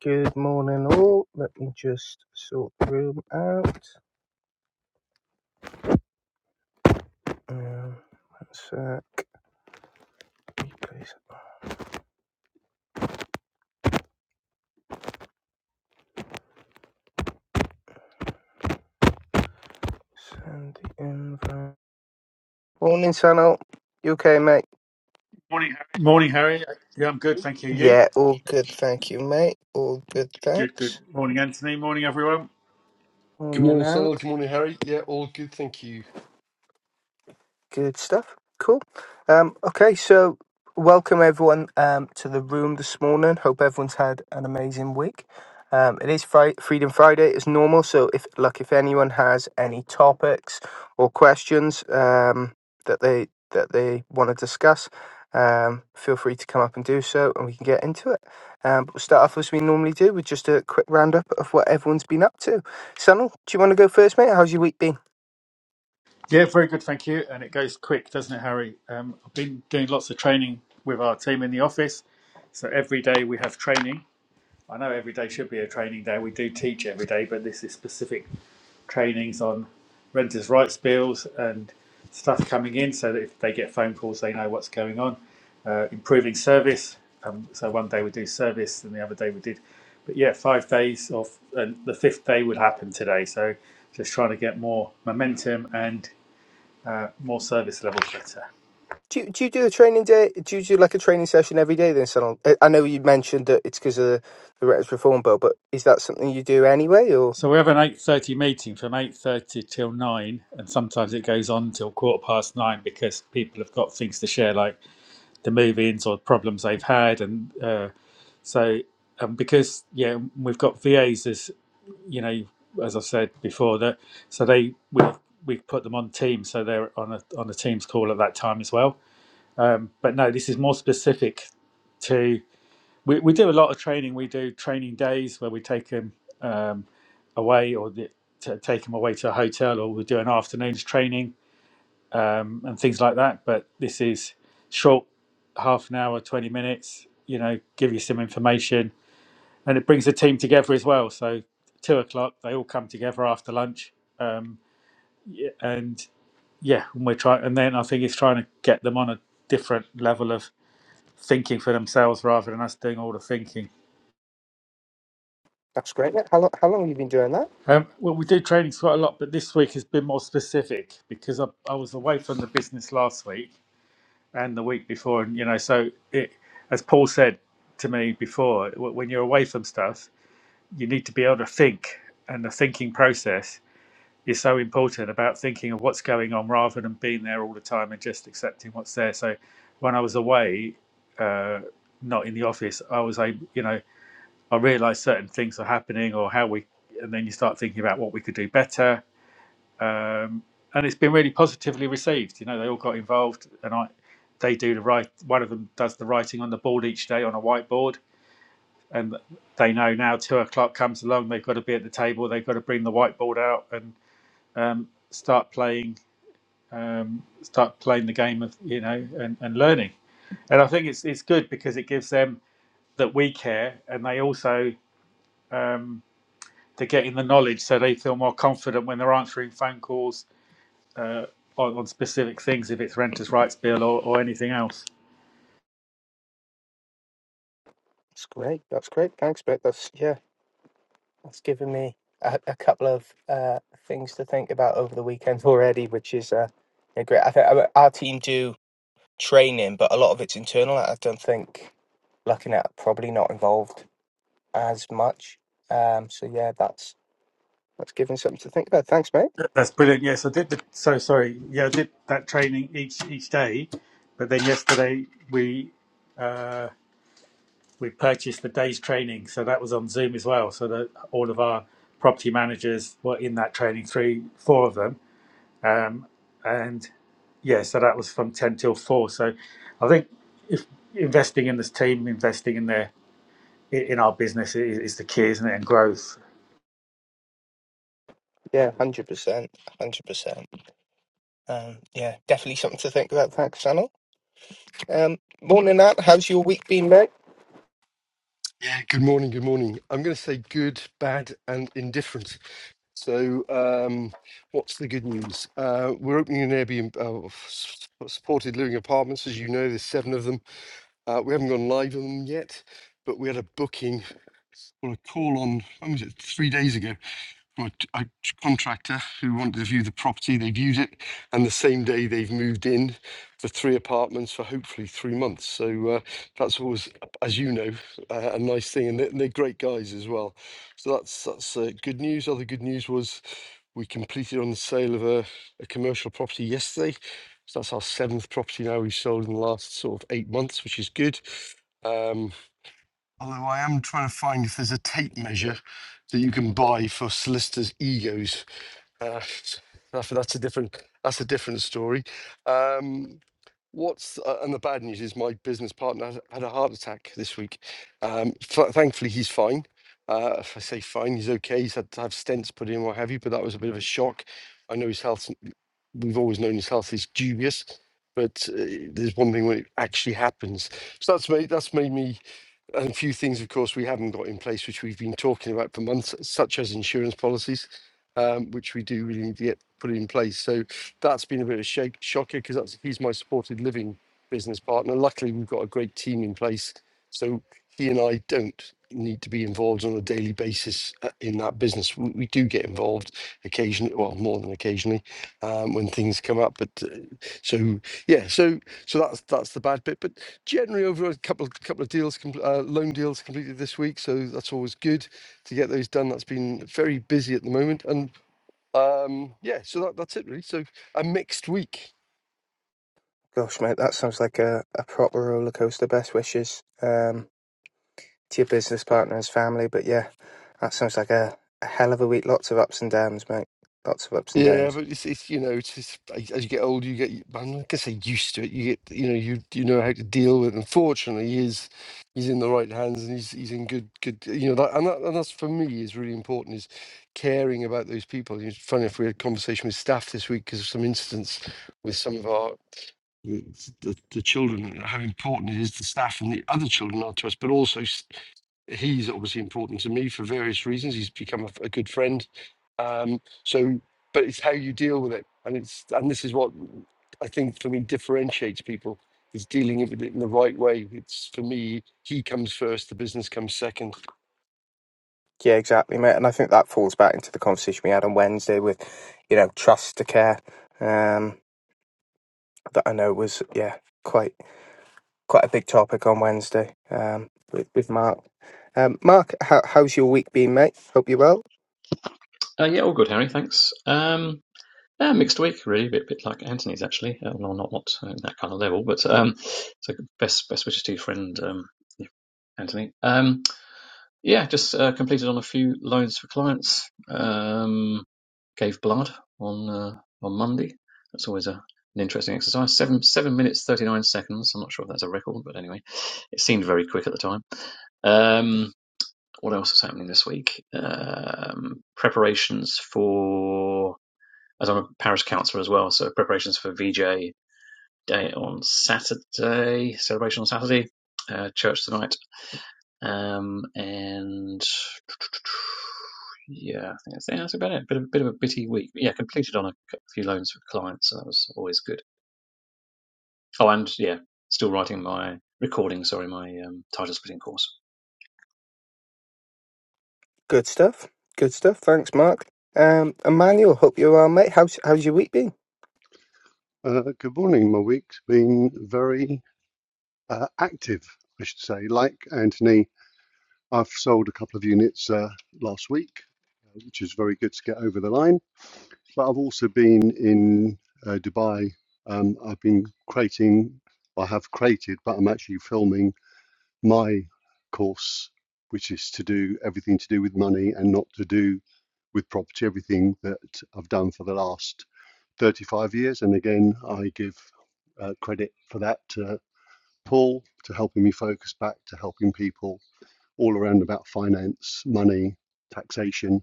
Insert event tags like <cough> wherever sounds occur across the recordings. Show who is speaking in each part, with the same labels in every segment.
Speaker 1: Good morning, all. Let me just sort the room out. Um, one sec. Please send the invite. Morning, Sano. You okay, mate?
Speaker 2: Morning, Harry. Yeah, I'm good. Thank you. You?
Speaker 1: Yeah, all good. Thank you, mate. All good.
Speaker 2: Good, good.
Speaker 1: Thanks.
Speaker 2: Morning, Anthony. Morning, everyone.
Speaker 3: Good
Speaker 1: Morning,
Speaker 3: morning, Sunil.
Speaker 1: Ant.
Speaker 3: Good morning, Harry. Yeah, all good. Thank you.
Speaker 1: Good stuff. Cool. Um, okay, so welcome everyone um, to the room this morning. Hope everyone's had an amazing week. Um, it is Fri- Freedom Friday as normal, so if look if anyone has any topics or questions um, that they that they want to discuss, um, feel free to come up and do so, and we can get into it. Um, but we'll start off as we normally do with just a quick roundup of what everyone's been up to. Sanal, do you want to go first, mate? How's your week been?
Speaker 2: Yeah, very good. Thank you. And it goes quick, doesn't it, Harry? Um, I've been doing lots of training with our team in the office. So every day we have training. I know every day should be a training day. We do teach every day, but this is specific trainings on renters' rights bills and stuff coming in so that if they get phone calls, they know what's going on. Uh, improving service. Um, so one day we do service and the other day we did. But yeah, five days off, and the fifth day would happen today. So just trying to get more momentum and uh, more service levels better.
Speaker 1: Do you, do you do a training day? Do you do like a training session every day then, Salon? I I know you mentioned that it's because of the, the Reds Reform Bill, but is that something you do anyway? Or
Speaker 2: So we have an 8.30 meeting from 8.30 till 9 and sometimes it goes on till quarter past 9 because people have got things to share like the move-ins or problems they've had and uh, So, um, because yeah, we've got VAs as as you know, as I've said before, that so they we we put them on Teams, so they're on a on a Teams call at that time as well. Um, but no, this is more specific to we, we do a lot of training. We do training days where we take them um, away or the, to take them away to a hotel, or we do an afternoon's training um, and things like that. But this is short, half an hour, twenty minutes. You know, give you some information and it brings the team together as well. So two o'clock, they all come together after lunch, um, and yeah, and we're trying. And then I think it's trying to get them on a different level of thinking for themselves rather than us doing all the thinking.
Speaker 1: that's great. mate. How long? How long have you been doing that?
Speaker 2: Um, well, we do trainings quite a lot, but this week has been more specific because I, I was away from the business last week and the week before, and you know, so it, as Paul said to me before, w- when you're away from stuff, you need to be able to think, and the thinking process is so important about thinking of what's going on rather than being there all the time and just accepting what's there. So when I was away, uh, not in the office, I was able, you know, I realised certain things are happening or how we, and then you start thinking about what we could do better. Um, and it's been really positively received. You know, they all got involved, and I, they do the right. One of them does the writing on the board each day on a whiteboard, and they know now two o'clock comes along, they've got to be at the table, they've got to bring the whiteboard out and um, start playing um, start playing the game of you know and, and learning and i think it's it's good because it gives them that we care and they also um, they're getting the knowledge so they feel more confident when they're answering phone calls on, on specific things if it's renters rights bill or, or anything else
Speaker 1: That's great. That's great. Thanks, mate. That's yeah. That's given me a, a couple of uh, things to think about over the weekend already, which is uh, yeah, great. I think our our team do training, but a lot of it's internal. I don't think looking at probably not involved as much. Um, so yeah, that's that's given something to think about. Thanks, mate.
Speaker 2: that's brilliant yes i did the, so sorry yeah i did that training each each day but then yesterday we Uh, we purchased the day's training, so that was on Zoom as well. So that all of our property managers were in that training, three, four of them, um, and yeah, so that was from ten till four. So I think if investing in this team, investing in their in our business is, is the key, isn't it? And growth.
Speaker 1: Yeah, one hundred percent, one hundred percent. Um, yeah, definitely something to think about. Thanks, Channel. Um, more than that, how's your week been, mate?
Speaker 3: Yeah, good morning. Good morning. I'm going to say good, bad, and indifferent. So, um, what's the good news? Uh, we're opening an Airbnb uh, s- supported living apartments. As you know, there's seven of them. Uh, we haven't gone live on them yet, but we had a booking or a call on, when was it, three days ago. my t- a contractor who wanted to view the property. They viewed it, and the same day they've moved in for three apartments for hopefully three months. So uh, that's always, as you know, uh, a nice thing, and they're, they're great guys as well. So that's that's uh, good news. Other good news was we completed on the sale of a, a commercial property yesterday. So that's our seventh property now we've sold in the last sort of eight months, which is good. Um, Although I am trying to find if there's a tape measure that you can buy for solicitors' egos. Uh, that's, that's a different. That's a different story. Um, what's uh, and the bad news is my business partner has- had a heart attack this week. Um, f- thankfully, he's fine. Uh, if I say fine, he's okay. He's had to have stents put in, what have you. But that was a bit of a shock. I know his health. We've always known his health is dubious, but uh, there's one thing when it actually happens. So that's made that's made me and a few things, of course, we haven't got in place, which we've been talking about for months, such as insurance policies, um, which we do really need to get put in place. So that's been a bit of a shake, shocker because that's he's my supported living business partner. Luckily, we've got a great team in place, so he and I don't need to be involved on a daily basis uh, in that business. We, we do get involved occasionally, well, more than occasionally, um, when things come up. But uh, so yeah, so so that's that's the bad bit. But generally, over a couple couple of deals, compl- uh, loan deals completed this week, so that's always good to get those done. That's been very busy at the moment, and um, yeah, so that, that's it really. So a mixed week.
Speaker 1: Gosh, mate, that sounds like a, a proper roller coaster. Best wishes um, to your business partners, family, but yeah, that sounds like a, a hell of a week. Lots of ups and downs, mate. Lots of ups and downs.
Speaker 3: Yeah, but it's, it's you know, it's, it's as as you get older, you get I'm not gonna say used to it. You get you know, you you know how to deal with. it. Unfortunately, he is he's in the right hands and he's he's in good good. You know, that, and that and that's for me is really important is caring about those people. It's funny if we had a conversation with staff this week because of some incidents with some of our the, the, the children, and how important it is the staff and the other children are to us, but also s- he's obviously important to me for various reasons. He's become a, f- a good friend. Um, so but it's how you deal with it and it's and this is what i think for me differentiates people is dealing with it in the right way it's for me he comes first the business comes second
Speaker 1: Yeah, exactly, mate. And I think that falls back into the conversation we had on Wednesday with, you know, trust to care. Um, that I know was yeah quite quite a big topic on Wednesday. Um, with, with Mark. Um, Mark, how, how's your week been, mate? Hope you're well.
Speaker 4: Uh, yeah, all good, Harry. Thanks. Um, yeah, mixed week, really, a bit, bit like Anthony's actually. Uh, well, not not uh, that kind of level, but um, so best best wishes to your friend um, yeah, Anthony. Um, yeah, just uh, completed on a few loans for clients. Um, gave blood on uh, on Monday. That's always a an interesting exercise. Seven seven minutes thirty nine seconds. I'm not sure if that's a record, but anyway, it seemed very quick at the time. Um, what else is happening this week? Um, preparations for as I'm a parish councillor as well, so preparations for VJ day on Saturday, celebration on Saturday, uh, church tonight, um, and yeah, I think that's, yeah, that's about it. Bit of, bit of a bitty week. But yeah, completed on a few loans for clients, so that was always good. Oh, and yeah, still writing my recording. Sorry, my um, title splitting course.
Speaker 1: Good stuff. Good stuff. Thanks, Mark. Um, Emmanuel, hope you're well, mate. How's how's your week been?
Speaker 5: Uh, good morning. My week's been very uh, active, I should say. Like Anthony, I've sold a couple of units uh, last week, which is very good to get over the line. But I've also been in uh, Dubai. Um, I've been creating, I have created, but I'm actually filming my course, which is to do everything to do with money and not to do with property, everything that I've done for the last 35 years. And again, I give uh, credit for that. Uh, Paul, to helping me focus back to helping people all around about finance, money, taxation,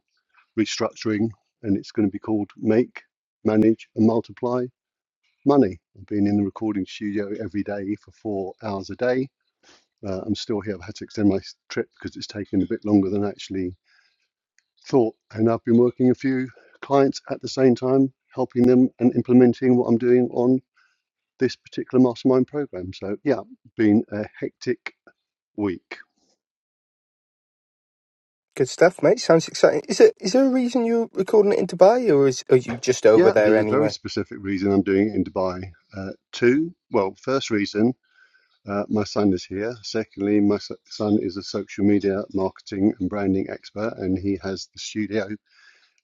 Speaker 5: restructuring. And it's going to be called Make, Manage, and Multiply Money. I've been in the recording studio every day for four hours a day. Uh, I'm still here. I've had to extend my trip because it's taken a bit longer than I actually thought. And I've been working a few clients at the same time, helping them and implementing what I'm doing on this particular mastermind program. So, yeah, been a hectic week.
Speaker 1: Good stuff, mate. Sounds exciting. Is it is there a reason you're recording it in Dubai, or is are you just over
Speaker 5: Yeah,
Speaker 1: there
Speaker 5: there's a very
Speaker 1: anyway?
Speaker 5: specific reason I'm doing it in Dubai. Uh, two, well, first reason, uh, my son is here. Secondly, my s- son is a social media marketing and branding expert, and he has the studio,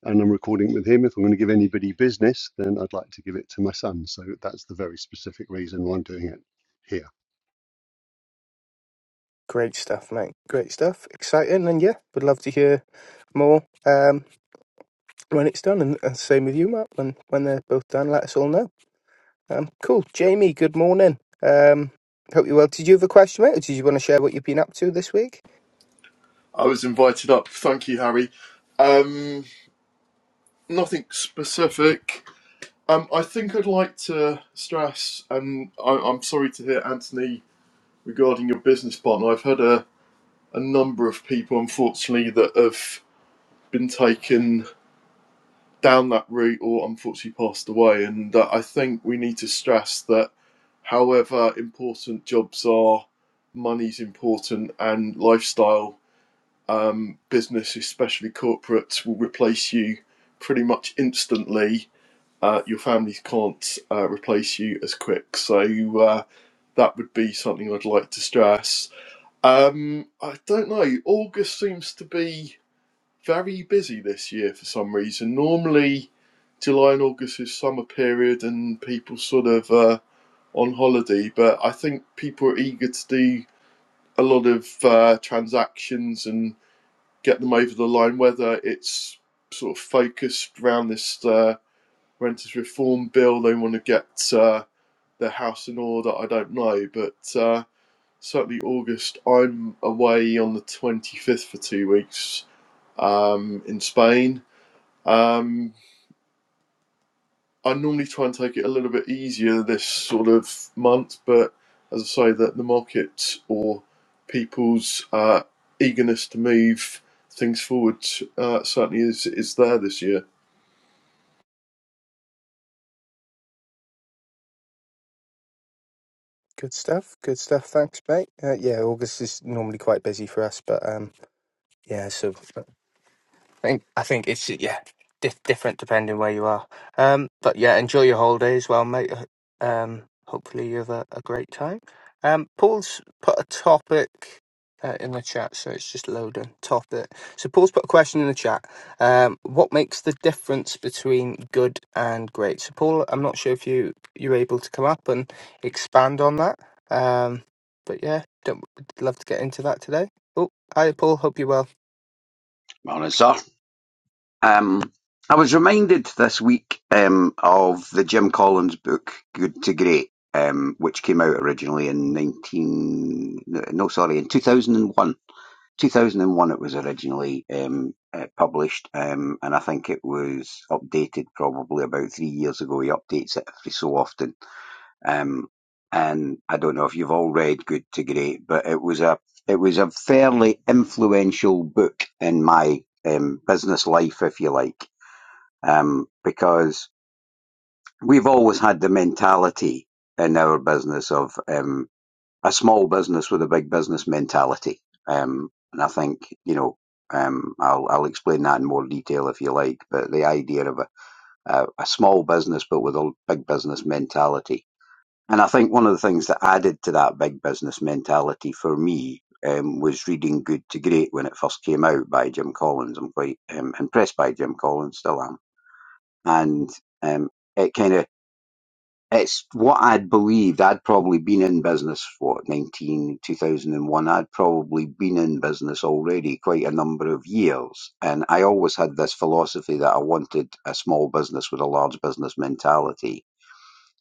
Speaker 5: and I'm recording with him. If I'm going to give anybody business, then I'd like to give it to my son. So that's the very specific reason why I'm doing it here.
Speaker 1: Great stuff, mate. Great stuff. Exciting, and yeah, would love to hear more um, when it's done. And, and same with you, Matt. When when they're both done, let us all know. Um, cool, Jamie. Good morning. Um, hope you are well. Did you have a question, mate, or did you want to share what you've been up to this week?
Speaker 6: I was invited up. Thank you, Harry. Um, nothing specific. Um, I think I'd like to stress, and I, I'm sorry to hear, Anthony, regarding your business partner. I've had a, a number of people, unfortunately, that have been taken down that route or unfortunately passed away. And uh, I think we need to stress that however important jobs are, money's important, and lifestyle um, business, especially corporates, will replace you pretty much instantly. Uh, your families can't uh, replace you as quick. So uh, that would be something I'd like to stress. Um, I don't know. August seems to be very busy this year for some reason. Normally, July and August is summer period and people sort of uh, on holiday, but I think people are eager to do a lot of uh, transactions and get them over the line, whether it's sort of focused around this uh, renters reform bill, they want to get uh, their house in order, I don't know. But uh, certainly August, I'm away on the 25th for two weeks um, in Spain. Um, I normally try and take it a little bit easier this sort of month, but as I say, that the market or people's uh, eagerness to move things forward uh, certainly is is there this year.
Speaker 1: Good stuff. Good stuff. Thanks, mate. Uh, yeah, August is normally quite busy for us, but um, yeah. So think I think it's yeah dif- different depending where you are. Um, but yeah, enjoy your holiday as well, mate. Uh, Um, hopefully you have a, a great time. Um, Paul's put a topic uh, in the chat, so it's just loading topic. So Paul's put a question in the chat. Um, what makes the difference between good and great? So Paul, I'm not sure if you you're able to come up and expand on that. Um, but yeah, don't, love to get into that today. Oh, hi Paul, hope you're well.
Speaker 7: Morning, sir. Um, I was reminded this week um, of the Jim Collins book, Good to Great, um, which came out originally in 19... No, no, sorry, in 2001. 2001 it was originally um, uh, published, um, and I think it was updated probably about three years ago. He updates it every so often. Um, and I don't know if you've all read Good to Great, but it was a it was a fairly influential book in my um, business life, if you like, um, because we've always had the mentality in our business of um, a small business with a big business mentality, um, and I think you know. Um, I'll, I'll explain that in more detail if you like, but the idea of a, a, a small business but with a big business mentality and I think one of the things that added to that big business mentality for me um, was reading Good to Great when it first came out by Jim Collins. I'm quite um, impressed by Jim Collins, still am. And um, it kind of, it's what I'd believed. I'd probably been in business, what, 19 2001. I'd probably been in business already quite a number of years. And I always had this philosophy that I wanted a small business with a large business mentality.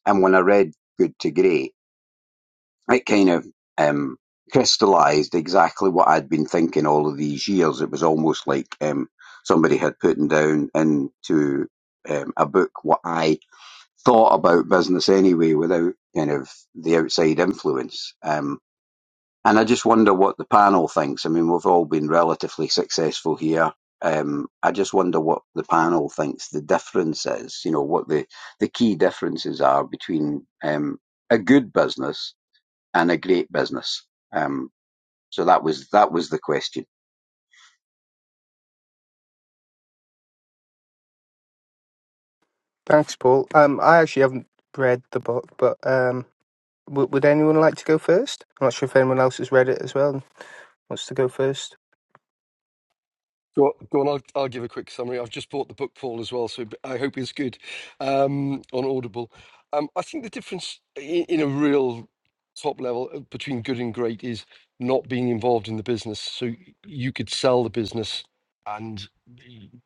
Speaker 7: And when I read Good to Great, it kind of um, crystallized exactly what I'd been thinking all of these years. It was almost like um, somebody had put down into um, a book what I thought about business anyway, without kind of the outside influence. Um, and I just wonder what the panel thinks. I mean, we've all been relatively successful here. Um, I just wonder what the panel thinks the difference is. You know, what the the key differences are between um, a good business and a great business. Um, so that was that was the question.
Speaker 1: Thanks, Paul. Um, I actually haven't read the book, but um, w- would anyone like to go first? I'm not sure if anyone else has read it as well and wants to go first.
Speaker 3: Go, go on, I'll, I'll give a quick summary. I've just bought the book, Paul, as well, so I hope it's good um, on Audible. Um, I think the difference in, in a real top level uh, between good and great is not being involved in the business. So you could sell the business and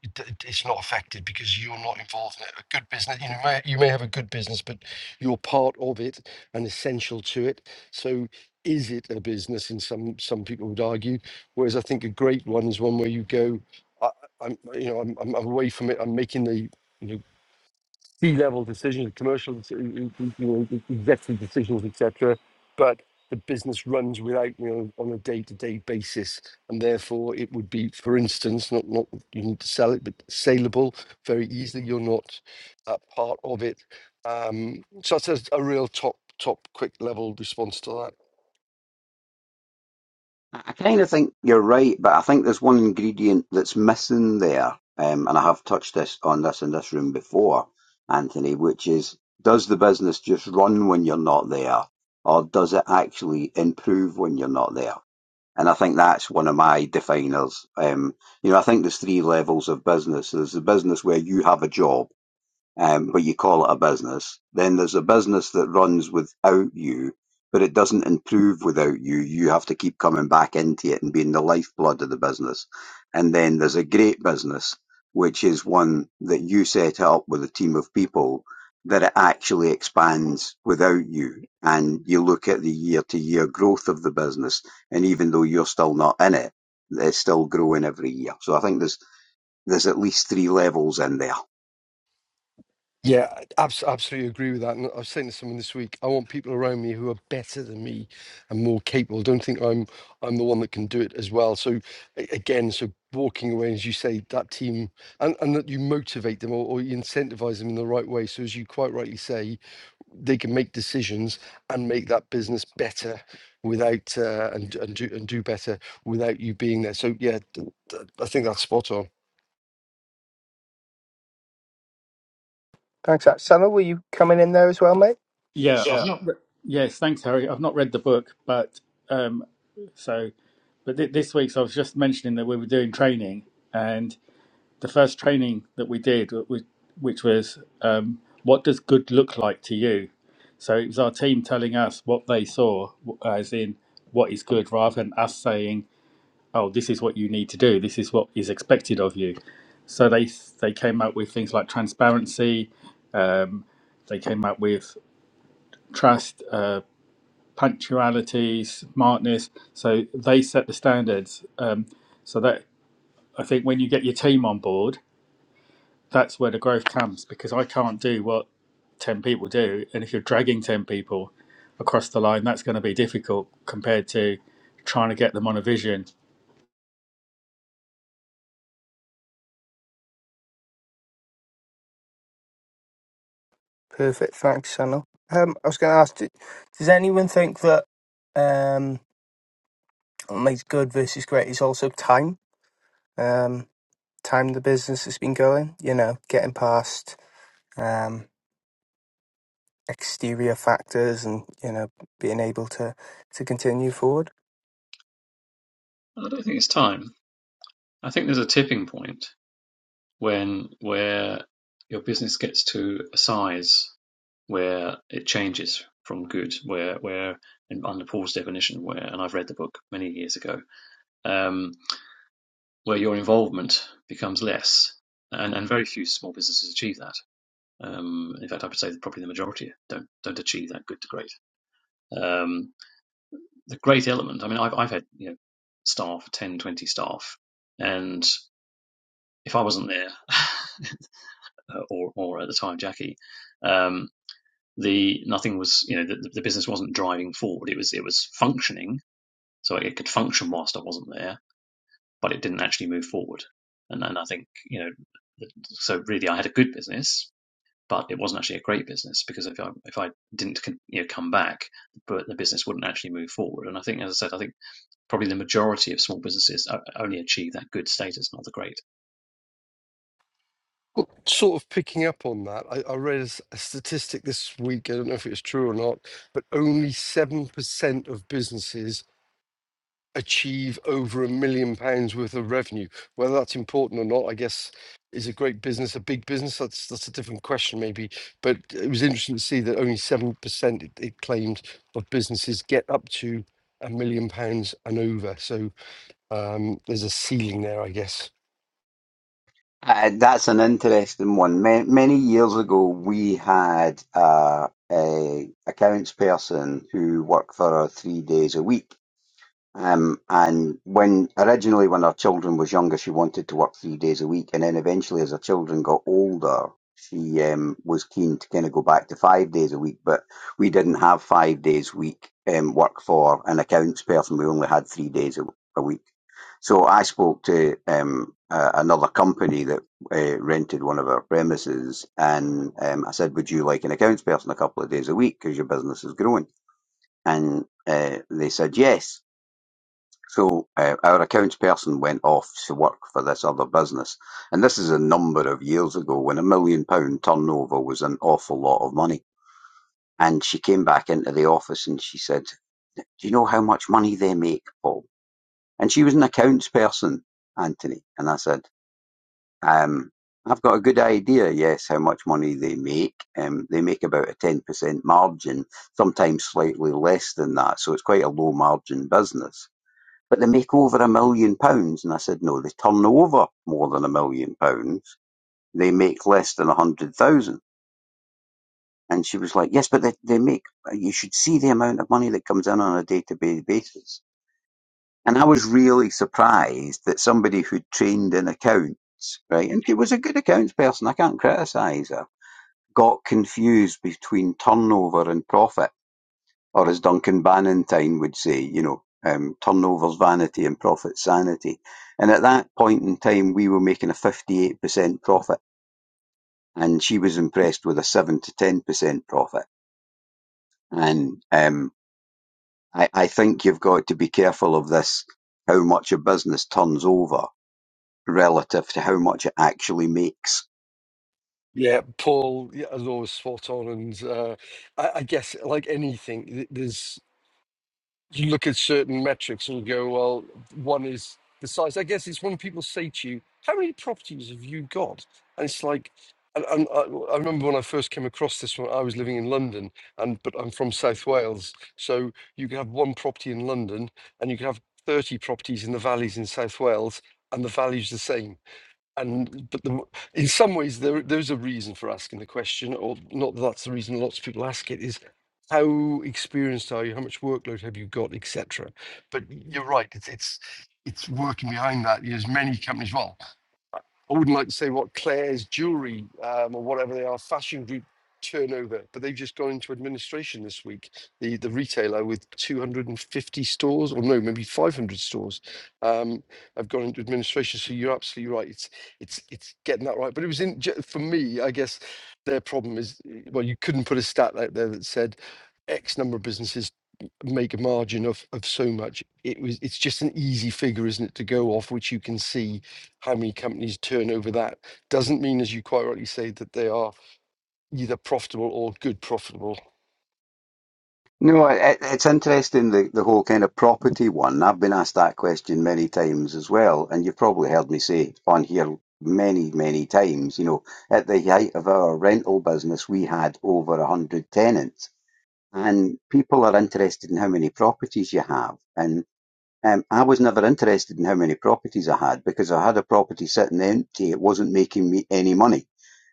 Speaker 3: it- it- it's not affected because you're not involved in it. A good business, you know, may- you may have a good business, but you're part of it and essential to it. So is it a business? And some some people would argue. Whereas I think a great one is one where you go. I, I'm, you know, I'm, I'm away from it. I'm making the, you know, C-level decisions, commercial, deci- you know, executive decisions, etc. But the business runs without me on, on a day-to-day basis, and therefore it would be, for instance, not not you need to sell it, but saleable very easily. You're not uh, part of it. Um, so that's a, a real top top quick level response to that.
Speaker 7: I, kind of think you're right, but I think there's one ingredient that's missing there, um, and I have touched this on this in this room before, Anthony, which is does the business just run when you're not there, or does it actually improve when you're not there? And I think that's one of my definers. Um, you know, I think there's three levels of business. There's the business where you have a job um, but you call it a business. Then there's a business that runs without you, but it doesn't improve without you. You have to keep coming back into it and being the lifeblood of the business. And then there's a great business, which is one that you set up with a team of people that it actually expands without you. And you look at the year to year growth of the business. And even though you're still not in it, it's still growing every year. So I think there's, there's at least three levels in there.
Speaker 3: Yeah, I abs- absolutely agree with that. And I was saying to someone this week, I want people around me who are better than me and more capable. Don't think I'm I'm the one that can do it as well. So a- again, so walking away, as you say, that team and, and that you motivate them or, or you incentivize them in the right way. So as you quite rightly say, they can make decisions and make that business better without uh, and and do and do better without you being there. So yeah, th- th- I think that's spot on.
Speaker 1: Thanks, Sanal. Were you coming in there as well, mate?
Speaker 2: Yeah, I've
Speaker 1: Yeah.
Speaker 2: not. Re- yes, thanks, Harry. I've not read the book, but um, so, but th- this week's I was just mentioning that we were doing training, and. the first training that we did, which, which was um, what does good look like to you? So it was our team telling us what they saw, w- as in what is good, rather than us saying, "Oh, this is what you need to do. This is what is expected of you." So they they came up with things like transparency. Um, they came up with trust, uh, punctuality, smartness. So they set the standards. Um, so that I think when you get your team on board that's where the growth comes because I can't do what 10 people do. And if you're dragging 10 people across the line, that's going to be difficult compared to trying to get them on a vision.
Speaker 1: Perfect. Thanks, Sanal. Um, I was going to ask, d- does anyone think that um, what makes good versus great is also time? Um, time the business has been going, you know, getting past um, exterior factors and, you know, being able to, to continue forward.
Speaker 4: And I don't think it's time. I think there's a tipping point when where your business gets to a size where it changes from good, where where and under Paul's definition, where and I've read the book many years ago, um, where your involvement becomes less, and and very few small businesses achieve that. Um, in fact, I would say that probably the majority don't don't achieve that good to great. Um, the great element, I mean, I've I've had you know staff 10, 20 staff, and if I wasn't there, <laughs> or or at the time Jackie, um, the nothing was you know the, the business wasn't driving forward. It was it was functioning, So it could function whilst I wasn't there, but it didn't actually move forward. And and I think you know, so really I had a good business, but it wasn't actually a great business because if I if I didn't you know come back, but the business wouldn't actually move forward. And I think, as I said, I think probably the majority of small businesses only achieve that good status, not the great.
Speaker 3: Well, sort of picking up on that, I, I read a, s- a statistic this week. I don't know if it's true or not, but only 7% of businesses achieve over a million pounds worth of revenue. Whether that's important or not, I guess, is a great business a big business? That's, that's a different question, maybe. But it was interesting to see that only 7% it, it claimed of businesses get up to a million pounds and over. So um, there's a ceiling there, I guess.
Speaker 7: Uh, that's an interesting one. Many, many years ago, we had uh, a accounts person who worked for us three days a week. Um, and when originally, when her children was younger, she wanted to work three days a week, and then eventually, as her children got older, she um, was keen to kind of go back to five days a week. But we didn't have five days week um, work for an accounts person; we only had three days a, a week. So I spoke to um, uh, another company that uh, rented one of our premises, and um, I said, "Would you like an accounts person a couple of days a week because your business is growing?" And uh, they said yes. So uh, our accounts person went off to work for this other business, and this is a number of years ago when a million pound turnover was an awful lot of money. And she came back into the office and she said, "Do you know how much money they make, Paul?" And she was an accounts person, Anthony. And I said, um, "I've got a good idea. Yes, how much money they make? Um, they make about a ten percent margin, sometimes slightly less than that. So it's quite a low margin business." But they make over a million pounds. And I said, no, they turn over more than a million pounds. They make less than a hundred thousand. And she was like, yes, but they, they make, you should see the amount of money that comes in on a day to day basis. And I was really surprised that somebody who trained in accounts, right, and she was a good accounts person, I can't criticise her, got confused between turnover and profit Or as Duncan Bannatyne would say, you know, um, turnover's vanity and profit's sanity. And at that point in time, we were making a 58% profit and she was impressed with a 7 to 10% profit. And um, I, I think you've got to be careful of this, how much a business turns over relative to how much it actually makes
Speaker 3: Yeah, Paul, yeah, as always, spot on. And uh, I, I guess, like anything, th- there's you look at certain metrics and you go, well, one is the size. I guess it's when people say to you, "How many properties have you got?" And it's like, and, and I, I remember when I first came across this one, I was living in London, and but I'm from South Wales, so you could have one property in London, and you could have thirty properties in the valleys in South Wales, and the value's the same and but the, in some ways there there's a reason for asking the question or not that that's the reason lots of people ask it is how experienced are you how much workload have you got etc but you're right it's it's it's working behind that there's many companies well I wouldn't like to say what Claire's jewelry um, or whatever they are fashion group turnover, but they've just gone into administration this week. The the retailer with 250 stores, or no, maybe 500 stores, um, have gone into administration. So you're absolutely right. It's it's it's getting that right. But it was in ju- for me, I guess. Their problem is eh, well, you couldn't put a stat out there that said X number of businesses make a margin of of so much. It was it's just an easy figure, isn't it, to go off, which you can see how many companies turn over that doesn't mean, as you quite rightly say, that they are either profitable or good profitable.
Speaker 7: No, it, it's interesting the, the whole kind of property one. I've been asked that question many times as well, and you've probably heard me say on here many, many times. You know, at the height of our rental business, we had over a hundred tenants, and people are interested in how many properties you have. And um, I was never interested in how many properties I had because I had a property sitting empty; it wasn't making me any money.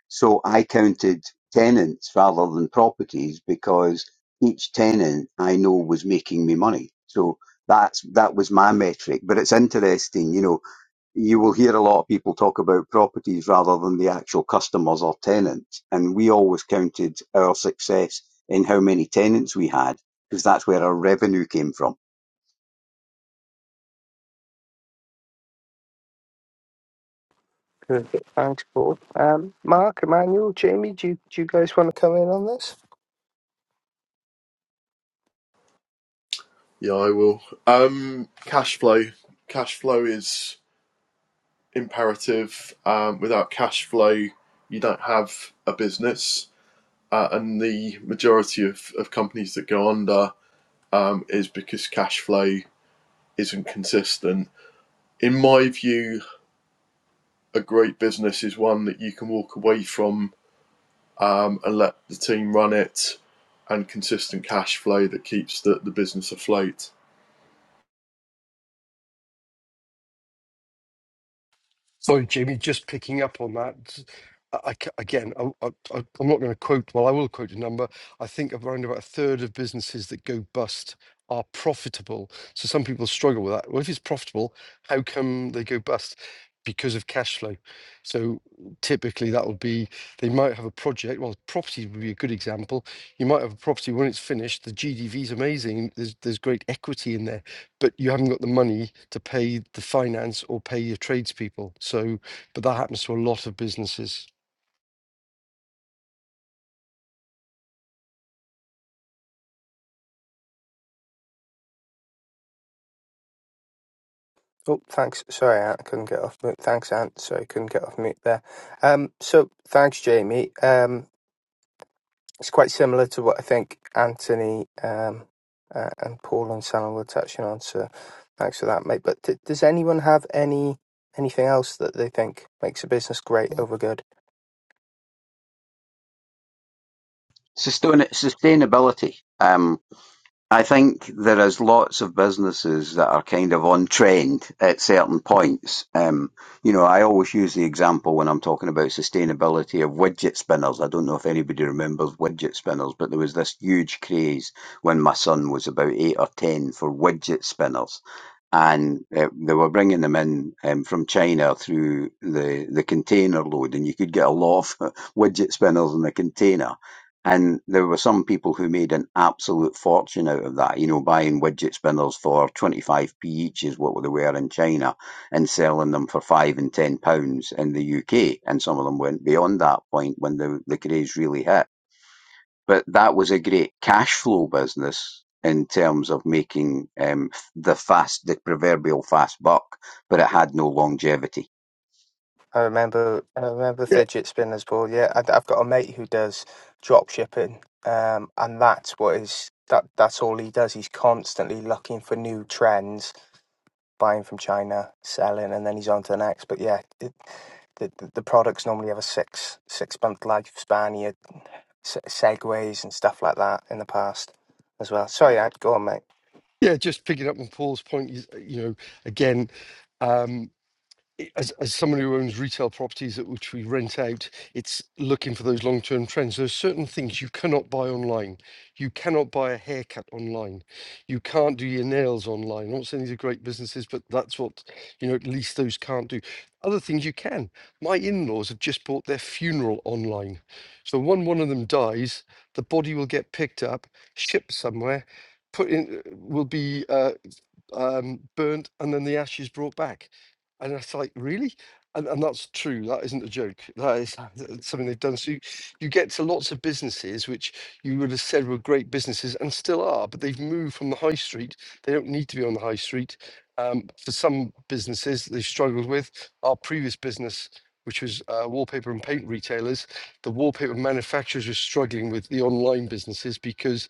Speaker 7: So I counted tenants rather than properties because each tenant I know was making me money. So that's that was my metric. But it's interesting, you know, you will hear a lot of people talk about properties rather than the actual customers or tenants. And we always counted our success in how many tenants we had because that's where our revenue came from.
Speaker 1: Perfect. Thanks, Paul. Um, Mark, Emmanuel, Jamie, do you, do you guys want to come in on this?
Speaker 6: Yeah, I will. Um, cash flow. Cash flow is imperative. Um, without cash flow, you don't have a business. Uh, and the majority of, of companies that go under um, is because cash flow isn't consistent. In my view, a great business is one that you can walk away from um, and let the team run it and consistent cash flow that keeps the, the business afloat.
Speaker 3: Sorry, Jamie, just picking up on that. I, I ca- again, I, I, I- I'm not going to quote, well, I will quote a number. I think around about a third of businesses that go bust are profitable. So some people struggle with that. Well, if it's profitable, how come they go bust? Because of cash flow. So typically that would be they might have a project. Well, property would be a good example. You might have a property when it's finished, the GDV is amazing. There's, there's great equity in there but you haven't got the money to pay the finance or pay your tradespeople. So, but that happens to a lot of businesses.
Speaker 1: Oh, thanks. Sorry, Ant, I couldn't get off mute. Thanks, Ant. Sorry, couldn't get off mute there. Um, so thanks, Jamie. Um, it's quite similar to what I think Anthony um, uh, and Paul and Sam were touching on. So thanks for that, mate. But d does anyone have any anything else that they think makes a business great over good?
Speaker 7: Sustain- sustainability. Um, I think there is lots of businesses that are kind of on trend at certain points. Um, you know, I always use the example when I'm talking about sustainability of widget spinners. I don't know if anybody remembers widget spinners, but there was this huge craze when my son was about eight or ten for widget spinners and uh, they were bringing them in um, from China through the the container load, and you could get a lot of <laughs> widget spinners in the container. And there were some people who made an absolute fortune out of that, you know, buying widget spinners for 25p each is what they were in China and selling them for five and ten pounds in the UK. And some of them went beyond that point when the, the craze really hit but that was a great cash flow business in terms of making um, the fast, the proverbial fast buck, but it had no longevity.
Speaker 1: I remember, I remember
Speaker 3: Yeah,
Speaker 1: fidget spinners ball. Yeah, I, have got a mate who does drop shipping, um, and that's what is that. That's all he does. He's constantly looking for new trends, buying from China, selling, and then he's on to the next. But yeah, it, the, the the products normally have a six six month lifespan. You had se- segways and stuff like that in the past as well. Sorry, I'd go on, mate.
Speaker 3: yeah. Just picking up on Paul's point, you, you know, again. um, i- as, as someone who owns retail properties at which we rent out, it's looking for those long-term trends. There's certain things you cannot buy online. You cannot buy a haircut online. You can't do your nails online. I'm not saying these are great businesses, but that's what, you know, at least those can't do. Other things you can. My in-laws have just bought their funeral online. So when one of them dies, the body will get picked up, shipped somewhere, put in, uh, will be uh um, burnt and then the ashes brought back. And it's like, really? And, and that's true. That isn't a joke. That is that's something they've done. So you, you get to lots of businesses which you would have said were great businesses and still are, but they've moved from the high street. They don't need to be on the high street. Um, for some businesses that they've struggled with, our previous business, which was uh, wallpaper and paint retailers, the wallpaper manufacturers were struggling with the online businesses because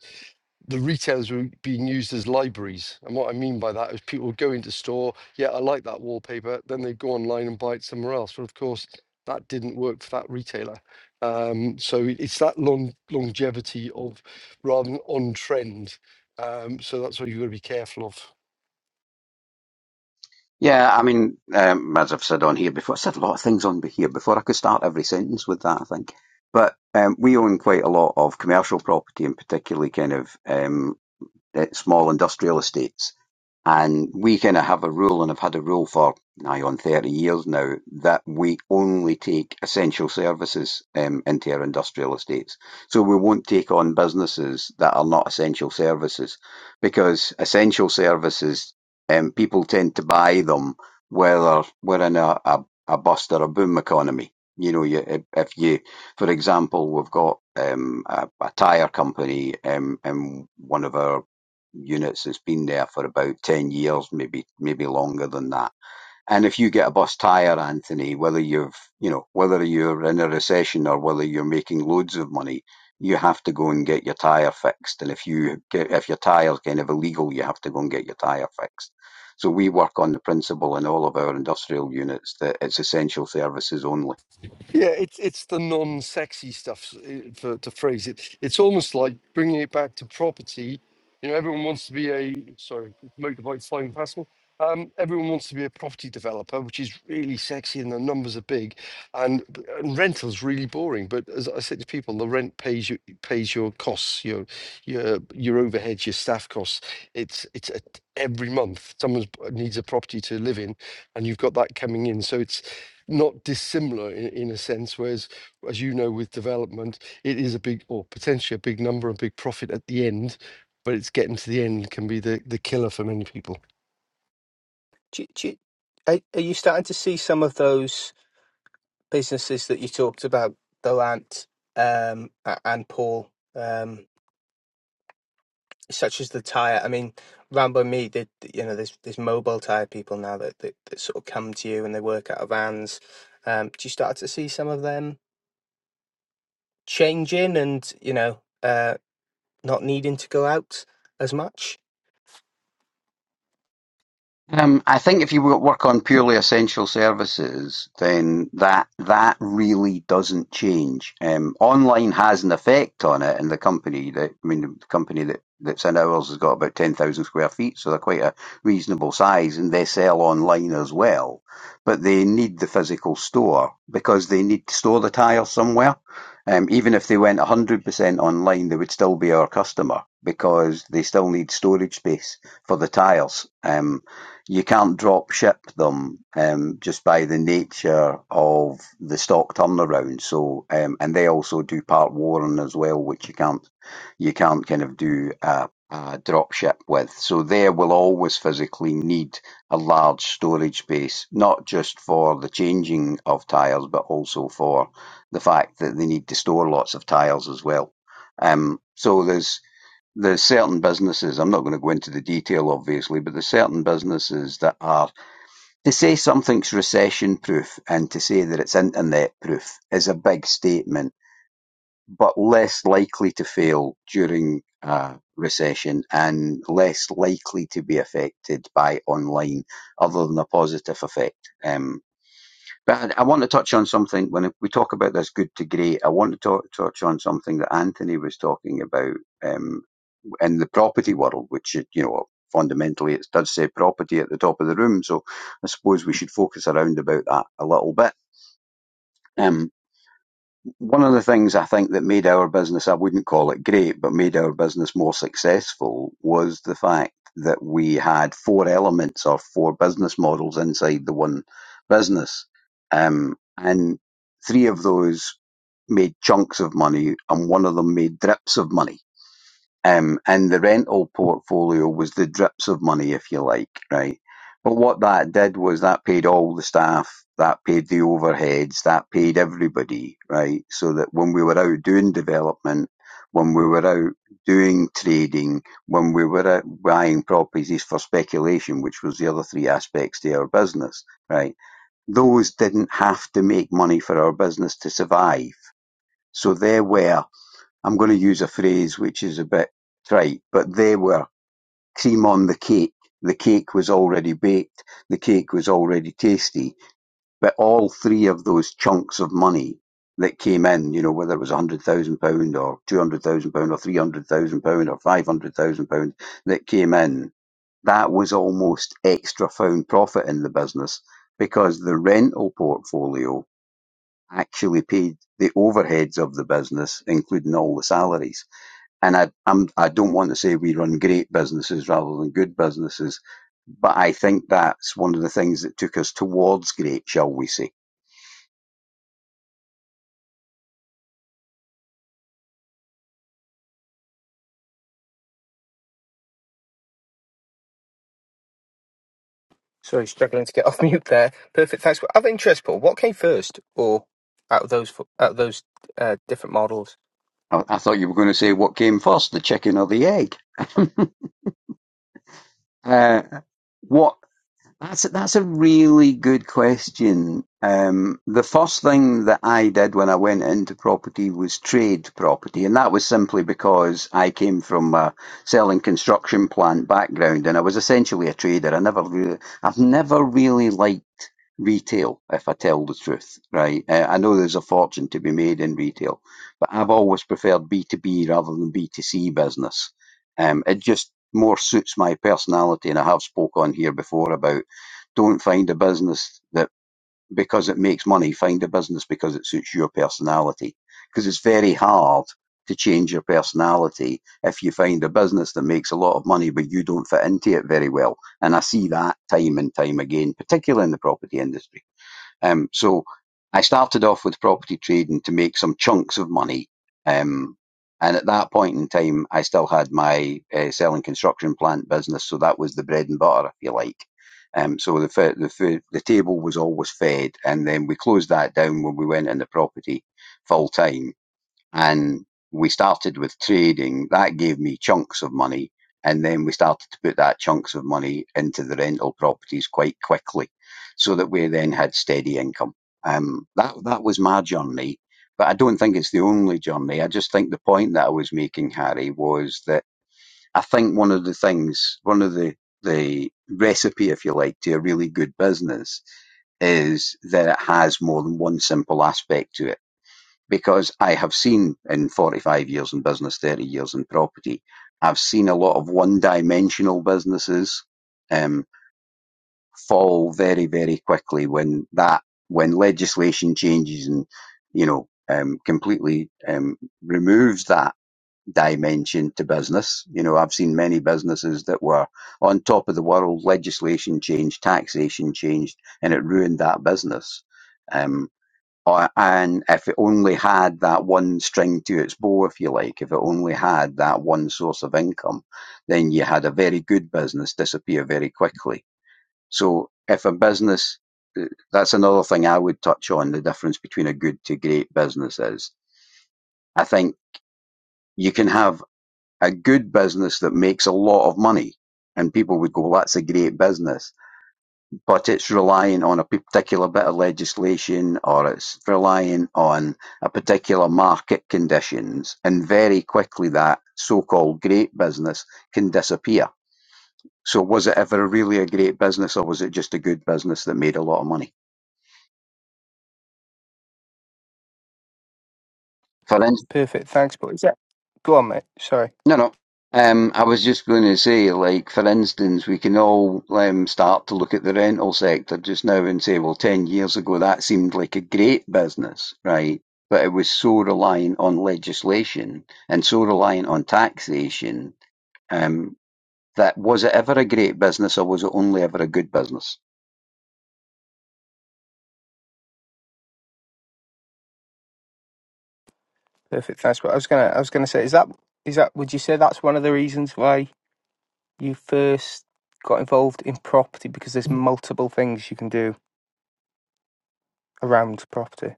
Speaker 3: the retailers were being used as libraries. And what I mean by that is people would go into store, yeah, I like that wallpaper, then they'd go online and buy it somewhere else. But of course, that didn't work for that retailer. Um, so it- it's that long longevity of rather than on trend. Um, so that's what you've got to be careful of.
Speaker 7: Yeah, I mean, um, as I've said on here before, I said a lot of things on here before. I could start every sentence with that, I think. But um, we own quite a lot of commercial property, and particularly kind of um, eh, small industrial estates. And we kind of have a rule, and I've had a rule for nigh on 30 years now, that we only take essential services um, into our industrial estates. So we won't take on businesses that are not essential services because essential services, um, people tend to buy them whether we're in a, a, a bust or a boom economy. You know, you, if if you, for example, we've got um, a, a tyre company um, in one of our units that's been there for about 10 years, maybe, maybe longer than that. And if you get a bus tire, Anthony, whether you've, you know, whether you're in a recession or whether you're making loads of money, you have to go and get your tire fixed. And if you get, if your tire's kind of illegal, you have to go and get your tire fixed. So we work on the principle in all of our industrial units that it's essential services only.
Speaker 3: Yeah, it's it's the non-sexy stuff, s- uh, for, to phrase it. It's almost like bringing it back to property. You know, everyone wants to be a sorry, motorbike flying past me. Um, everyone wants to be a property developer, which is really sexy, and the numbers are big, and, and rental's really boring. But as I said to people, the rent pays you pays your costs, your your your overheads, your staff costs. It's it's a, every month someone needs a property to live in, and you've got that coming in. So it's not dissimilar in, in a sense. Whereas, as you know, with development, it is a big or potentially a big number and big profit at the end, but it's getting to the end can be the, the killer for many people.
Speaker 1: Do, you- do, you- are, are you starting to see some of those? businesses that you talked about, though, Ant um, and Paul, um, such as the tire. I mean, Rambo and me did. You know, there's there's mobile tire people now that, that that sort of come to you and they work out of vans. Um, do you start to see some of them changing and you know uh, not needing to go out as much?
Speaker 7: Um, I think if you wo- work on purely essential services, then that that really doesn't change. Um, online has an effect on it, and the company that I mean, the company that that's in ours has got about ten thousand square feet, so they're quite a reasonable size, and they sell online as well. But they need the physical store because they need to store the tire somewhere. Um, even if they went one hundred percent online, they would still be our customer because they still need storage space for the tiles. Um, you can't drop ship them um, just by the nature of the stock turnaround. So, um, and they also do part warren as well, which you can't you can't kind of do a, a drop ship with. So, they will always physically need a large storage space, not just for the changing of tires, but also for the fact that they need to store lots of tires as well. Um, so there's there's certain businesses, I'm not going to go into the detail obviously, but there's certain businesses that are, to say something's recession proof and to say that it's internet proof is a big statement, but less likely to fail during a recession and less likely to be affected by online other than a positive effect. Um, but I want to touch on something when we talk about this good to great. I want to talk, touch on something that Anthony was talking about. um, in the property world, which you know fundamentally it does say property at the top of the room. So I suppose we should focus around about that a little bit. Um, one of the things I think that made our business, I wouldn't call it great, but made our business more successful was the fact that we had four elements or four business models inside the one business. Um, and three of those made chunks of money and one of them made drips of money um, and the rental portfolio was the drips of money, if you like, right? But what that did was that paid all the staff, that paid the overheads, that paid everybody, right? So that when we were out doing development, when we were out doing trading, when we were out buying properties for speculation, which was the other three aspects to our business, right? Those didn't have to make money for our business to survive. So there were I'm going to use a phrase which is a bit trite, but they were cream on the cake. The cake was already baked. The cake was already tasty. But all three of those chunks of money that came in, you know, whether it was £100,000 or £200,000 or £300,000 or £500,000 that came in, that was almost extra found profit in the business because the rental portfolio actually paid the overheads of the business, including all the salaries and I I'm, I don't want to say we run great businesses rather than good businesses, but I think that's one of the things that took us towards great, shall we say?
Speaker 1: Sorry, struggling to get <laughs> off mute there. Perfect. Thanks. Out Of interest, Paul, what came first, or out of those out of those uh, different models?
Speaker 7: I, I thought you were going to say what came first, the chicken or the egg. Uh, what That's a, that's a really good question. Um, the first thing that I did when I went into property was trade property, and that was simply because I came from a selling construction plant background, and I was essentially a trader. I never really, I've never really liked retail, if I tell the truth, right? Uh, I know there's a fortune to be made in retail, but I've always preferred B two B rather than B two C business. Um, it just more suits my personality, and I have spoke on here before about. Don't find a business that because it makes money. Find a business because it suits your personality. Because it's very hard to change your personality if you find a business that makes a lot of money but you don't fit into it very well. And I see that time and time again, particularly in the property industry. Um, so I started off with property trading to make some chunks of money. Um, and at that point in time, I still had my uh, selling construction plant business, so that was the bread and butter, if you like. Um, so the the the table was always fed, and then we closed that down when we went into property full time and we started with trading. That gave me chunks of money, and then we started to put that chunks of money into the rental properties quite quickly, so that we then had steady income. Um, that that was my journey, but I don't think it's the only journey. I just think the point that I was making, Harry, was that I think one of the things, one of the the recipe, if you like, to a really good business is that it has more than one simple aspect to it because I have seen in 45 years in business, 30 years in property, I've seen a lot of one dimensional businesses um, fall very, very quickly when that, when legislation changes and, you know, um, completely um, removes that dimension to business. You know, I've seen many businesses that were on top of the world, legislation changed, taxation changed, and it ruined that business. Um, uh, and if it only had that one string to its bow, if you like, if it only had that one source of income, then you had a very good business disappear very quickly. So if a business, eh, that's another thing I would touch on the difference between a good to great business is. I think you can have a good business that makes a lot of money and people would go, "Well, that's a great business but it's relying on a particular bit of legislation or it's relying on a particular market conditions and very quickly that so-called great business can disappear so was it ever really a great business or was it just a good business that made a lot of money for instance.
Speaker 1: Perfect. Thanks, Paul. Is that- Go on, mate. Sorry.
Speaker 7: No, no. Um, I was just going to say, like, for instance, we can all um, start to look at the rental sector just now and say, well, 10 years ago, that seemed like a great business, right? But it was so reliant on legislation and so reliant on taxation um, that was it ever a great business or was it only ever a good business?
Speaker 1: Perfect. Thanks. But I was gonna, I was gonna say, is that, is that, would you say that's one of the reasons why you first got involved in property because there's multiple things you can do around property.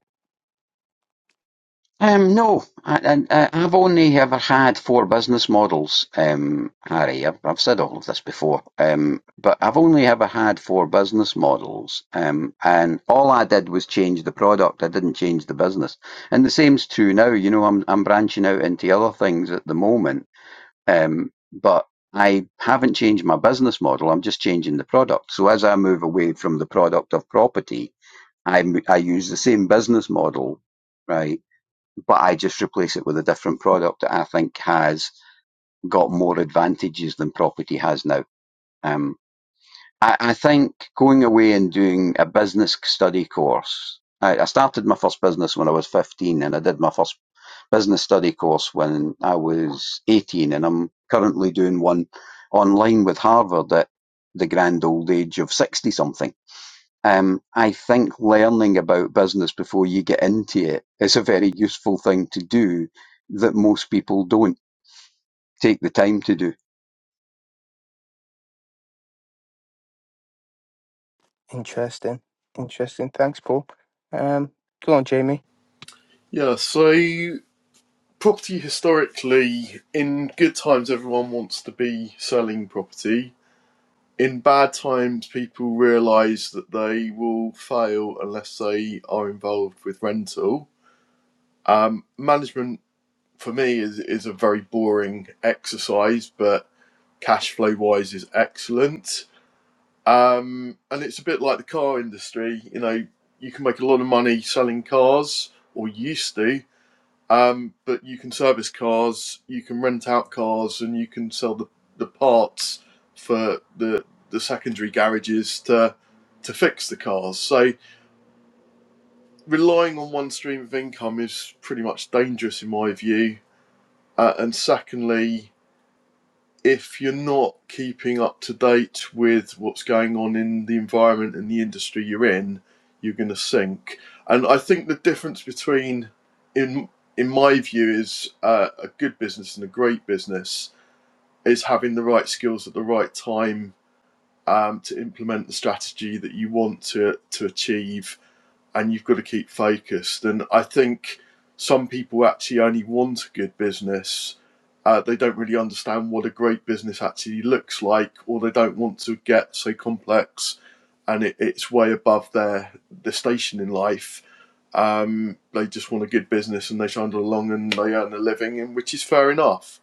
Speaker 7: Um, no, I, I, I've only ever had four business models, um, Harry. I've, I've said all of this before, um, but I've only ever had four business models, um, and all I did was change the product. I didn't change the business, and the same's true now. You know, I'm I'm branching out into other things at the moment, um, but I haven't changed my business model. I'm just changing the product. So as I move away from the product of property, I m- I use the same business model, right? but I just replace it with a different product that I think has got more advantages than property has now. Um, I, I think going away and doing a business study course. I, I started my first business when I was 15 and I did my first business study course when I was 18 and I'm currently doing one online with Harvard at the grand old age of 60 something um, I think learning about business before you get into it is a very useful thing to do that most people don't take the time to do.
Speaker 1: Interesting. Interesting. Thanks, Paul. Um, go on, Jamie.
Speaker 6: Yeah, so property historically in good times everyone wants to be selling property in bad times people realize that they will fail unless they are involved with rental um, management for me is, is a very boring exercise but cash flow wise is excellent um, and it's a bit like the car industry you know you can make a lot of money selling cars or used to um, but you can service cars, you can rent out cars, and you can sell the, the parts for the the secondary garages to to fix the cars. So relying on one stream of income is pretty much dangerous in my view. Uh, and secondly, if you're not keeping up to date with what's going on in the environment and the industry you're in, you're going to sink. And I think the difference between, in in my view, is uh, a good business and a great business is having the right skills at the right time um, to implement the strategy that you want to to achieve and you've got to keep focused. And I think some people actually only want a good business. Uh, they don't really understand what a great business actually looks like, or they don't want to get so complex and it, it's way above their, their station in life. Um, they just want a good business and they trundle along and they earn a living, and which is fair enough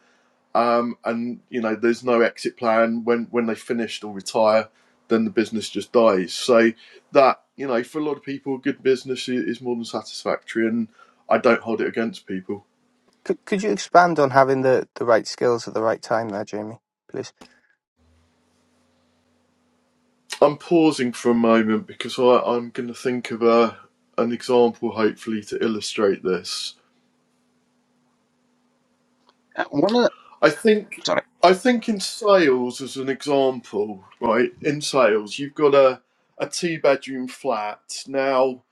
Speaker 6: um, and you know there's no exit plan when when they finished or retire then the business just dies so that you know for a lot of people good business is more than satisfactory and i don't hold it against people
Speaker 1: Could could you expand on having the the right skills at the right time there, Jamie? Please.
Speaker 6: i'm pausing for a moment because I, i'm going to think of a an example hopefully to illustrate this
Speaker 7: Uh, One of the,
Speaker 6: i think
Speaker 7: sorry,
Speaker 6: i think in sales as an example right in sales you've got a a two bedroom flat now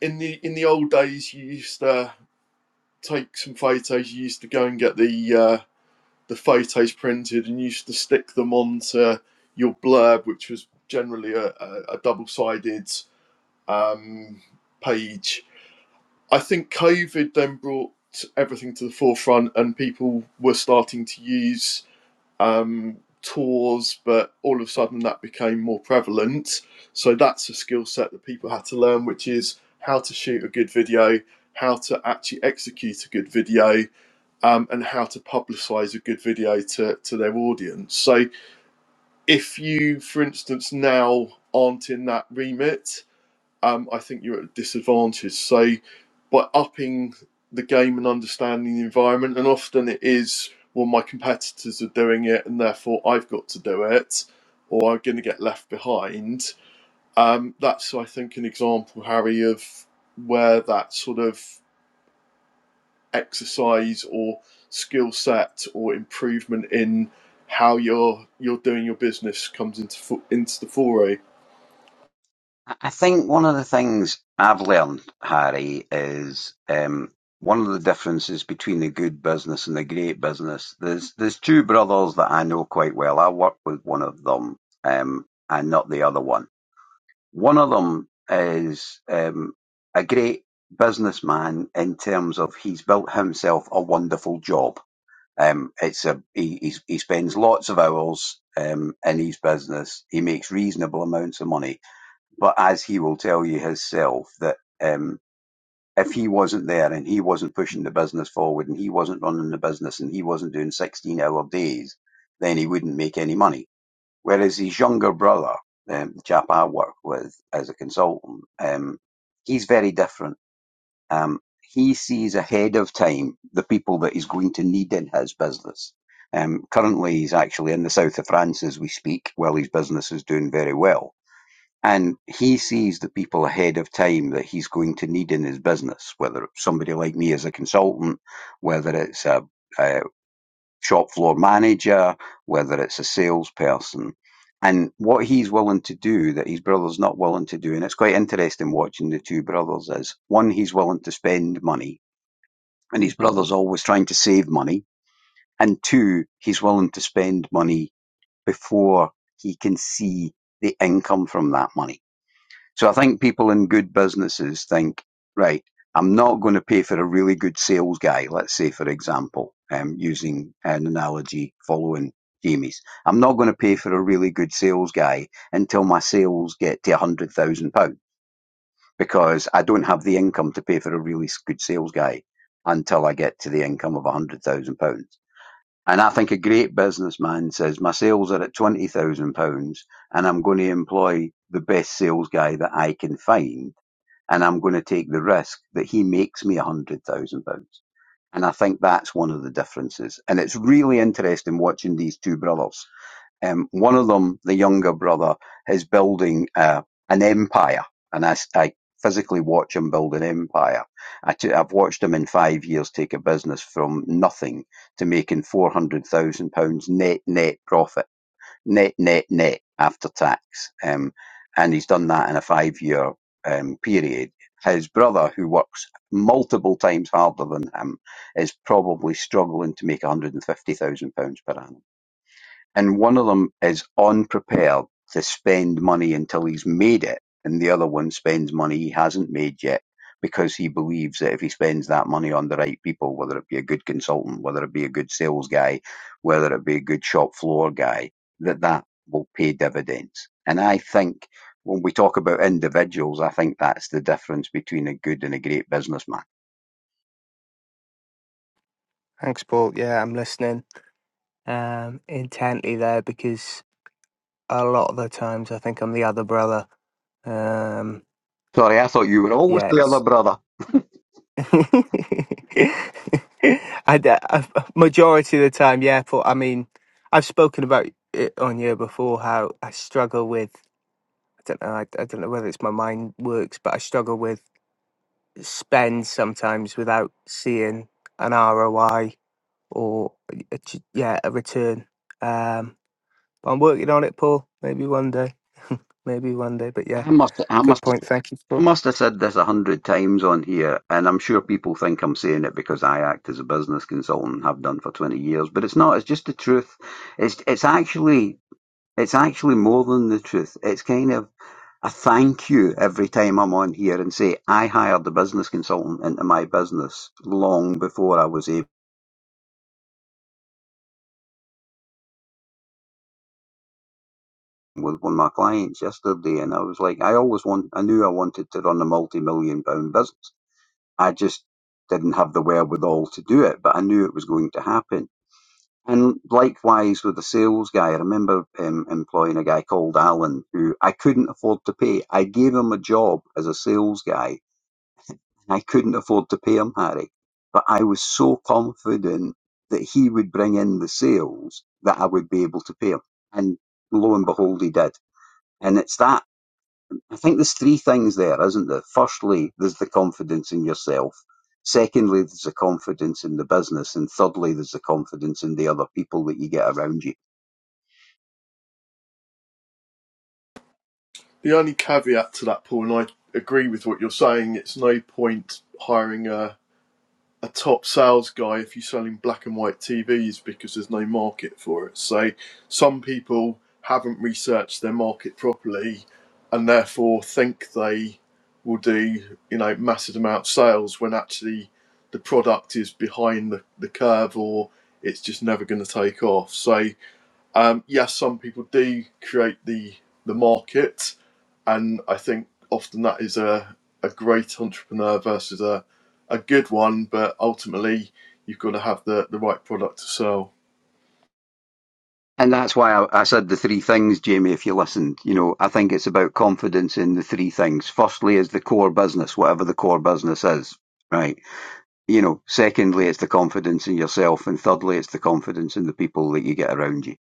Speaker 6: in the in the old days you used to take some photos. You used to go and get the uh, the photos printed and used to stick them onto your blurb, which was generally a, a, a double sided um, page. I think COVID then brought everything to the forefront and people were starting to use um, tours, but all of a sudden that became more prevalent. So that's a skill set that people had to learn, which is how to shoot a good video, how to actually execute a good video, um, and how to publicize a good video to, to their audience. So, if you, for instance, now aren't in that remit, um, I think you're at a disadvantage. So, by upping the game and understanding the environment, and often it is, well, my competitors are doing it, and therefore I've got to do it, or I'm going to get left behind. Um, that's, I think, an example, Harry, of where that sort of exercise or skill set or improvement in how you're you're doing your business comes into into the foray.
Speaker 7: I I think one of the things I've learned, Harry, is um, one of the differences between the good business and the great business. There's there's two brothers that I know quite well. I work with one of them um, and not the other one One of them is um, a great businessman in terms of he's built himself a wonderful job. Um, it's a he, he's, he spends lots of hours um, in his business. He makes reasonable amounts of money, but as he will tell you himself, that um, if he wasn't there and he wasn't pushing the business forward and he wasn't running the business and he wasn't doing sixteen-hour days, then he wouldn't make any money Whereas his younger brother, um, the chap I work with as a consultant, um, he's very different. Um, he sees ahead of time the people that he's going to need in his business. Um, currently, he's actually in the south of France as we speak, while his business is doing very well. And he sees the people ahead of time that he's going to need in his business, whether it's somebody like me as a consultant, whether it's a, a, shop floor manager, whether it's a salesperson. And what he's willing to do that his brother's not willing to do, and it's quite interesting watching the two brothers, is one, he's willing to spend money, and his brother's always trying to save money. And two, he's willing to spend money before he can see the income from that money so I think people in good businesses think, right, I'm not going to pay for a really good sales guy. Let's say, for example, um, using an analogy following Jamie's, I'm not going to pay for a really good sales guy until my sales get to £100,000 because I don't have the income to pay for a really good sales guy until I get to the income of £100,000. And I think a great businessman says, my sales are at £20,000 and I'm going to employ the best sales guy that I can find and I'm going to take the risk that he makes me a hundred thousand pounds. And I think that's one of the differences. And it's really interesting watching these two brothers. Um, one of them, the younger brother, is building uh, an empire, and I I physically watch him build an empire. I t- I've watched him in five years take a business from nothing to making four hundred thousand pounds net net profit net, net, net after tax. Um, and he's done that in a five year um, period. His brother, who works multiple times harder than him, is probably struggling to make £150,000 per annum. And one of them is unprepared to spend money until he's made it, and the other one spends money he hasn't made yet because he believes that if he spends that money on the right people, whether it be a good consultant, whether it be a good sales guy, whether it be a good shop floor guy, that that will pay dividends. And I think when we talk about individuals, I think that's the difference between a good and a great businessman.
Speaker 1: Thanks, Paul. Yeah, I'm listening um intently there because a lot of the times I think I'm the other brother. Um,
Speaker 7: Sorry, I thought you were always
Speaker 1: yeah,
Speaker 7: the
Speaker 1: it's
Speaker 7: other brother.
Speaker 1: I, d- I- majority of the time, yeah. But I mean, I've spoken about it on here before how I struggle with. I don't know. I, I don't know whether it's my mind works, but I struggle with spend sometimes without seeing an ROI or a- a ch- yeah a return. Um, but I'm working on it, Paul. Maybe one day. <laughs> Maybe one day. But yeah,
Speaker 7: I must, I
Speaker 1: good
Speaker 7: must.
Speaker 1: point. Thank you,
Speaker 7: I
Speaker 1: Paul.
Speaker 7: must have said this a hundred times on here, and I'm sure people think I'm saying it because I act as a business consultant and have done for 20 years, but it's not. It's just the truth. It's it's actually it's actually more than the truth. It's kind of a thank you every time I'm on here and say I hired a business consultant into my business long before I was able with one of my clients yesterday, and I was like, I always want. I knew I wanted to run a multi-million pound business. I just didn't have the wherewithal to do it, but I knew it was going to happen And likewise with the sales guy, I remember um, employing a guy called Alan who I couldn't afford to pay. I gave him a job as a sales guy and I couldn't afford to pay him, Harry. But I was so confident that he would bring in the sales that I would be able to pay him. And lo and behold, he did. And it's that, I think there's three things there, isn't there? Firstly, there's the confidence in yourself. Secondly, there's the confidence in the business. And thirdly, there's the confidence in the other people that you get around you.
Speaker 6: The only caveat to that, Paul, and I agree with what you're saying, it's no point hiring a a top sales guy if you're selling black and white TVs because there's no market for it. So some people haven't researched their market properly and therefore think they will do, you know, massive amount of sales when actually the product is behind the, the curve or it's just never going to take off. So um, yes, some people do create the the market, and I think often that is a a great entrepreneur versus a a good one. But ultimately, you've got to have the the right product to sell.
Speaker 7: And that's why I, I said the three things, Jamie, if you listened. You know, I think it's about confidence in the three things. Firstly is the core business, whatever the core business is, right? You know, secondly, it's the confidence in yourself. And thirdly, it's the confidence in the people that you get around you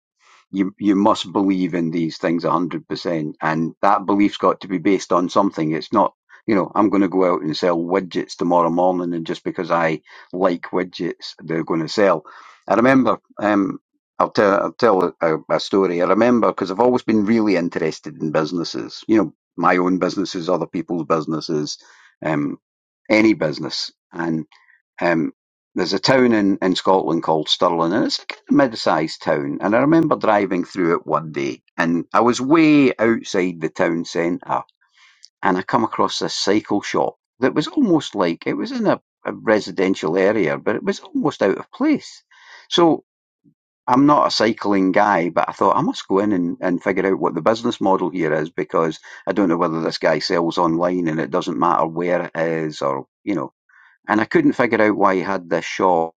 Speaker 7: you you must believe in these things one hundred percent, and that belief's got to be based on something. It's not, you know, I'm going to go out and sell widgets tomorrow morning, and just because I like widgets, they're going to sell. I remember, um, I'll tell I'll tell a, a story. I remember because I've always been really interested in businesses. You know, my own businesses, other people's businesses, um, any business, and um, there's a town in, in Scotland called Stirling, and it's a kind of mid-sized town. And I remember driving through it one day, and I was way outside the town centre, and I come across this cycle shop that was almost like it was in a, a residential area, but it was almost out of place. So I'm not a cycling guy, but I thought I must go in and, and figure out what the business model here is because I don't know whether this guy sells online and it doesn't matter where it is or, you know. And I couldn't figure out why he had this shop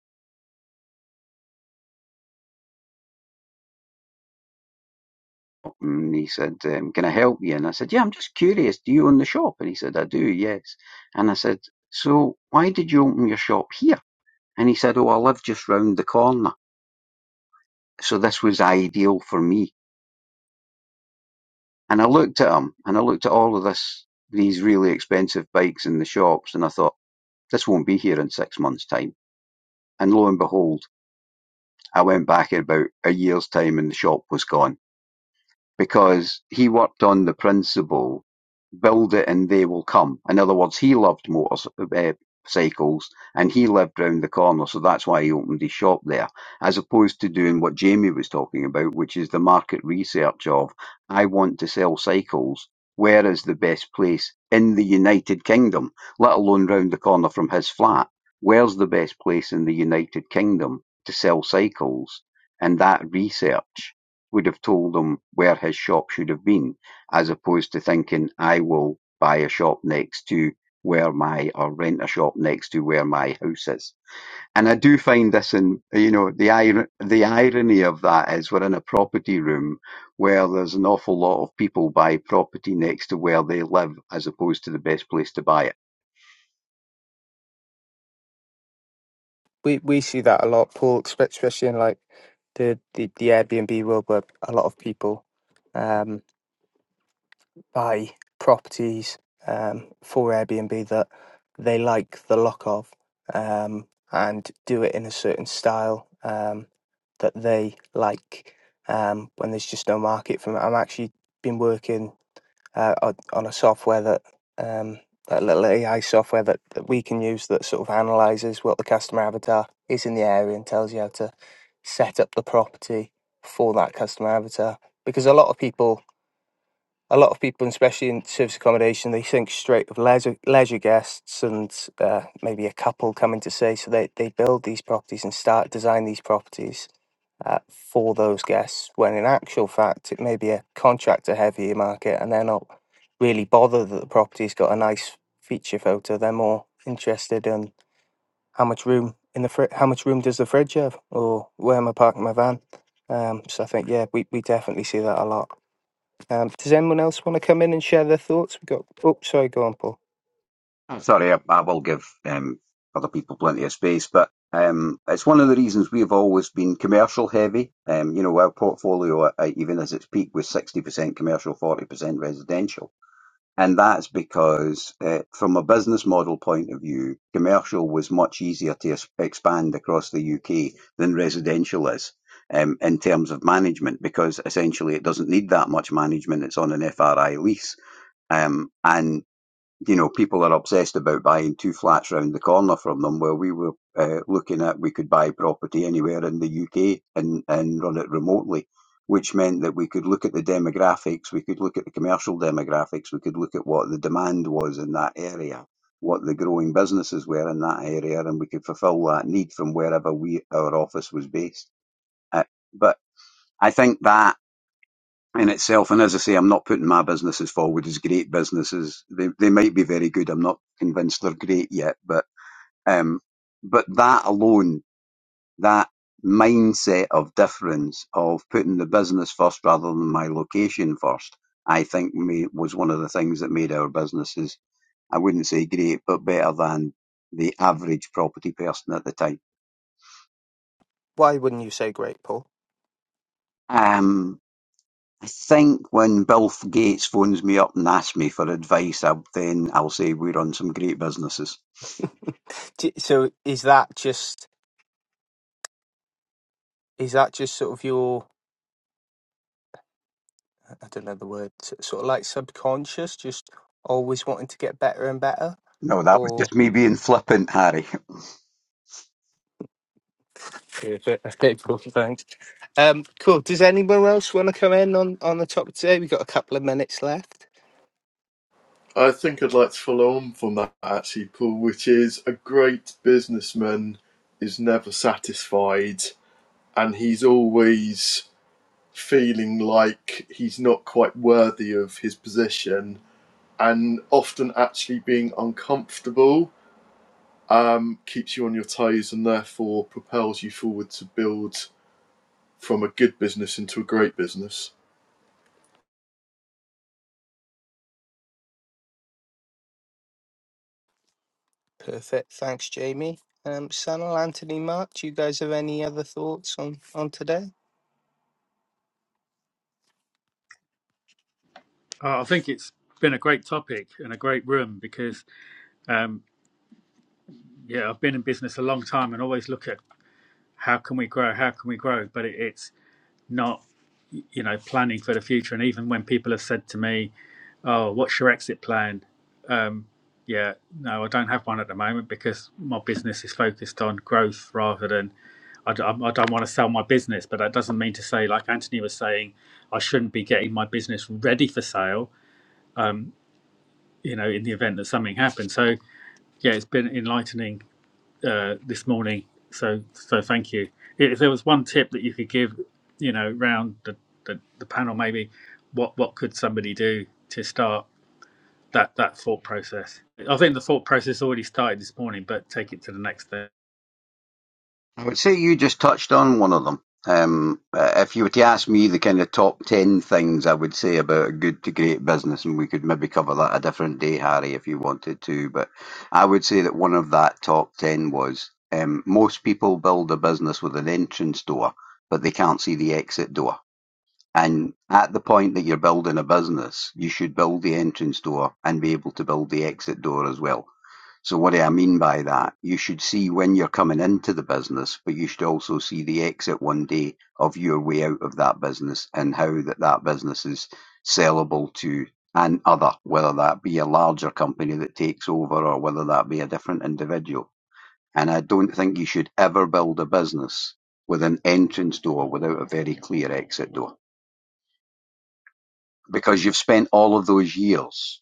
Speaker 7: And he said, um, Can I help you? And I said, Yeah, I'm just curious. Do you own the shop? And he said, I do, yes. And I said, So why did you open your shop here? And he said, Oh, I live just round the corner. So this was ideal for me. And I looked at him and I looked at all of this, these really expensive bikes in the shops. And I thought, this won't be here in six months' time. And lo and behold, I went back in about a year's time and the shop was gone. because he worked on the principle build it and they will come. In other words, he loved motorcycles and he lived round the corner, so that's why he opened his shop there, as opposed to doing what Jamie was talking about, which is the market research of I want to sell cycles. Where is the best place in the United Kingdom, let alone round the corner from his flat? Where's the best place in the United Kingdom to sell cycles? And that research would've told him where his shop should have been, as opposed to thinking, I will buy a shop next to where my, or rent a shop next to where my house is. And I do find this in, you know, the, ir- the irony of that is we're in a property room where there's an awful lot of people buy property next to where they live as opposed to the best place to buy it.
Speaker 1: we we see that a lot, Paul, espe- especially in like the the, the Airbnb world, where a lot of people um, buy properties um, for Airbnb that they like the look of, um, and do it in a certain style um, that they like. Um, when there's just no market for it, I'm actually been working uh, on on a software that um, that little AI software that, that we can use that sort of analyzes what the customer avatar is in the area and tells you how to set up the property for that customer avatar. Because a lot of people, a lot of people, especially in service accommodation, they think straight of leisure leisure guests and uh, maybe a couple coming to stay. So they they build these properties and start design these properties uh, for those guests, when in actual fact, it may be a contractor heavier market and they're not really bothered that the property's got a nice feature photo. They're more interested in how much room in the fri- how much room does the fridge have, or where am I parking my van? Um, so I think yeah, we, we definitely see that a lot. Um, does anyone else want to come in and share their thoughts? We got oh sorry, go on, Paul.
Speaker 7: I'm sorry, I, I will give um, other people plenty of space, but um, it's one of the reasons we've always been commercial heavy. Um, you know, our portfolio, uh, even as its peak, was 60% commercial, 40% residential. And that's because, uh, from a business model point of view, commercial was much easier to es- expand across the UK than residential is. Um, in terms of management, because essentially it doesn't need that much management. It's on an FRI lease. Um, and you know, people are obsessed about buying two flats round the corner from them. Well, we were uh, looking at we could buy property anywhere in the UK and, and run it remotely, which meant that we could look at the demographics, we could look at the commercial demographics, we could look at what the demand was in that area, what the growing businesses were in that area, and we could fulfil that need from wherever we our office was based. Uh, but I think that in itself. And as I say, I'm not putting my businesses forward as great businesses. They they might be very good. I'm not convinced they're great yet, but um, but that alone, that mindset of difference of putting the business first rather than my location first, I think ma- was one of the things that made our businesses. I wouldn't say great, but better than the average property person at the time.
Speaker 1: Why wouldn't you say great, Paul?
Speaker 7: Um, I think when Bill Gates phones me up and asks me for advice, I'll, then I'll say we run some great businesses.
Speaker 1: <laughs> Do- so is that just is that just sort of your I don't know the word, s- sort of like subconscious, just always wanting to get better and better.
Speaker 7: No, that was
Speaker 1: Or
Speaker 7: just me being flippant, Harry.
Speaker 1: yeah, but- <laughs> okay, cool, thanks. Um, cool. Does anyone else want to come in on on the topic today? We've got a couple of minutes left.
Speaker 6: I think I'd like to follow on from that actually, Paul, which is a great businessman is never satisfied, and he's always feeling like he's not quite worthy of his position, and often actually being uncomfortable um, keeps you on your toes and therefore propels you forward to build from a good business into a great business.
Speaker 1: Perfect. Thanks, Jamie. Um, Sanal, Anthony, Mark, do you guys have any other thoughts on on today?
Speaker 2: Uh, I think it's been a great topic and a great room because, um, yeah, I've been in business a long time and always look at how can we grow, how can we grow, but it, it's not, you know, planning for the future. And even when people have said to me, Oh, what's your exit plan? Um, yeah, no, I don't have one at the moment because my business is focused on growth rather than idi I, d- I'm- I don't want to sell my business. But that doesn't mean to say, like Anthony was saying, I shouldn't be getting my business ready for sale. You know, in the event that something happens. So yeah, it's been enlightening uh, this morning. So so thank you. If there was one tip that you could give, you know, round the, the, the panel, maybe what what could somebody do to start? that that thought process. I think the thought process already started this morning, but take it to the next step.
Speaker 7: I would say you just touched on one of them. Um, uh, if you were to ask me the kind of top 10 things I would say about a good to great business, and we could maybe cover that a different day, Harry, if you wanted to, but I would say that one of that top 10 was um, most people build a business with an entrance door, but they can't see the exit door. And at the point that you're building a business, you should build the entrance door and be able to build the exit door as well. So what do I mean by that? You should see when you're coming into the business, but you should also see the exit one day of your way out of that business and how that that business is sellable to an other, whether that be a larger company that takes over or whether that be a different individual. And I don't think you should ever build a business with an entrance door without a very clear exit door because you've spent all of those years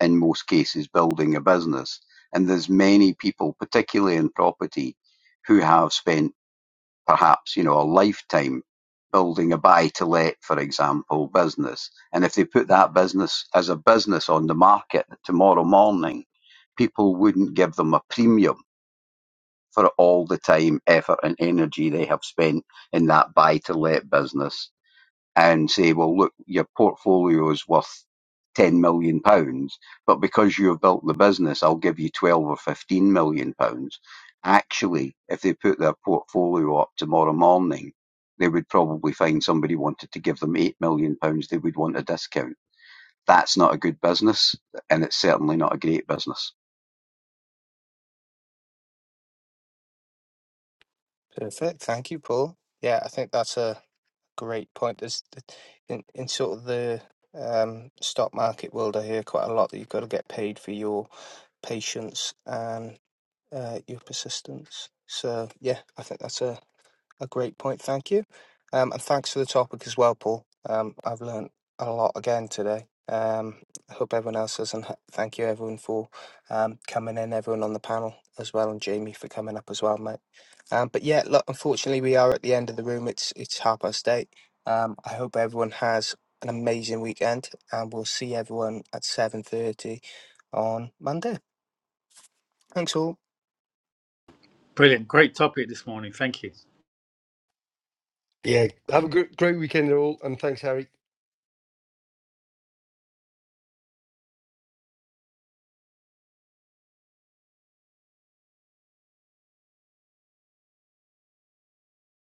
Speaker 7: in most cases building a business and there's many people particularly in property who have spent perhaps you know a lifetime building a buy to let for example business and if they put that business as a business on the market tomorrow morning people wouldn't give them a premium for all the time effort and energy they have spent in that buy to let business and say, well, look, your portfolio is worth 10 million pounds, but because you've built the business, I'll give you 12 or 15 million pounds. Actually, if they put their portfolio up tomorrow morning, they would probably find somebody wanted to give them 8 million pounds. They would want a discount. That's not a good business and it's certainly not a great business.
Speaker 1: Perfect. Thank you, Paul. Yeah, I think that's a Great point. There's th- in in sort of the um, stock market world, I hear quite a lot that you've got to get paid for your patience and uh, your persistence. So yeah, I think that's a a great point, thank you. Um, and thanks for the topic as well, Paul. Um, I've learnt a lot again today. Um, I hope everyone else has, and h- thank you everyone for um, coming in, everyone on the panel as well, and Jamie for coming up as well, mate. Um, but yeah, look, unfortunately, we are at the end of the room. It's it's half past eight. Um, I hope everyone has an amazing weekend, and we'll see everyone at seven thirty on Monday. Thanks all.
Speaker 2: Brilliant, great topic this morning. Thank you.
Speaker 3: Yeah. Have a gr- great weekend, all, and thanks, Harry.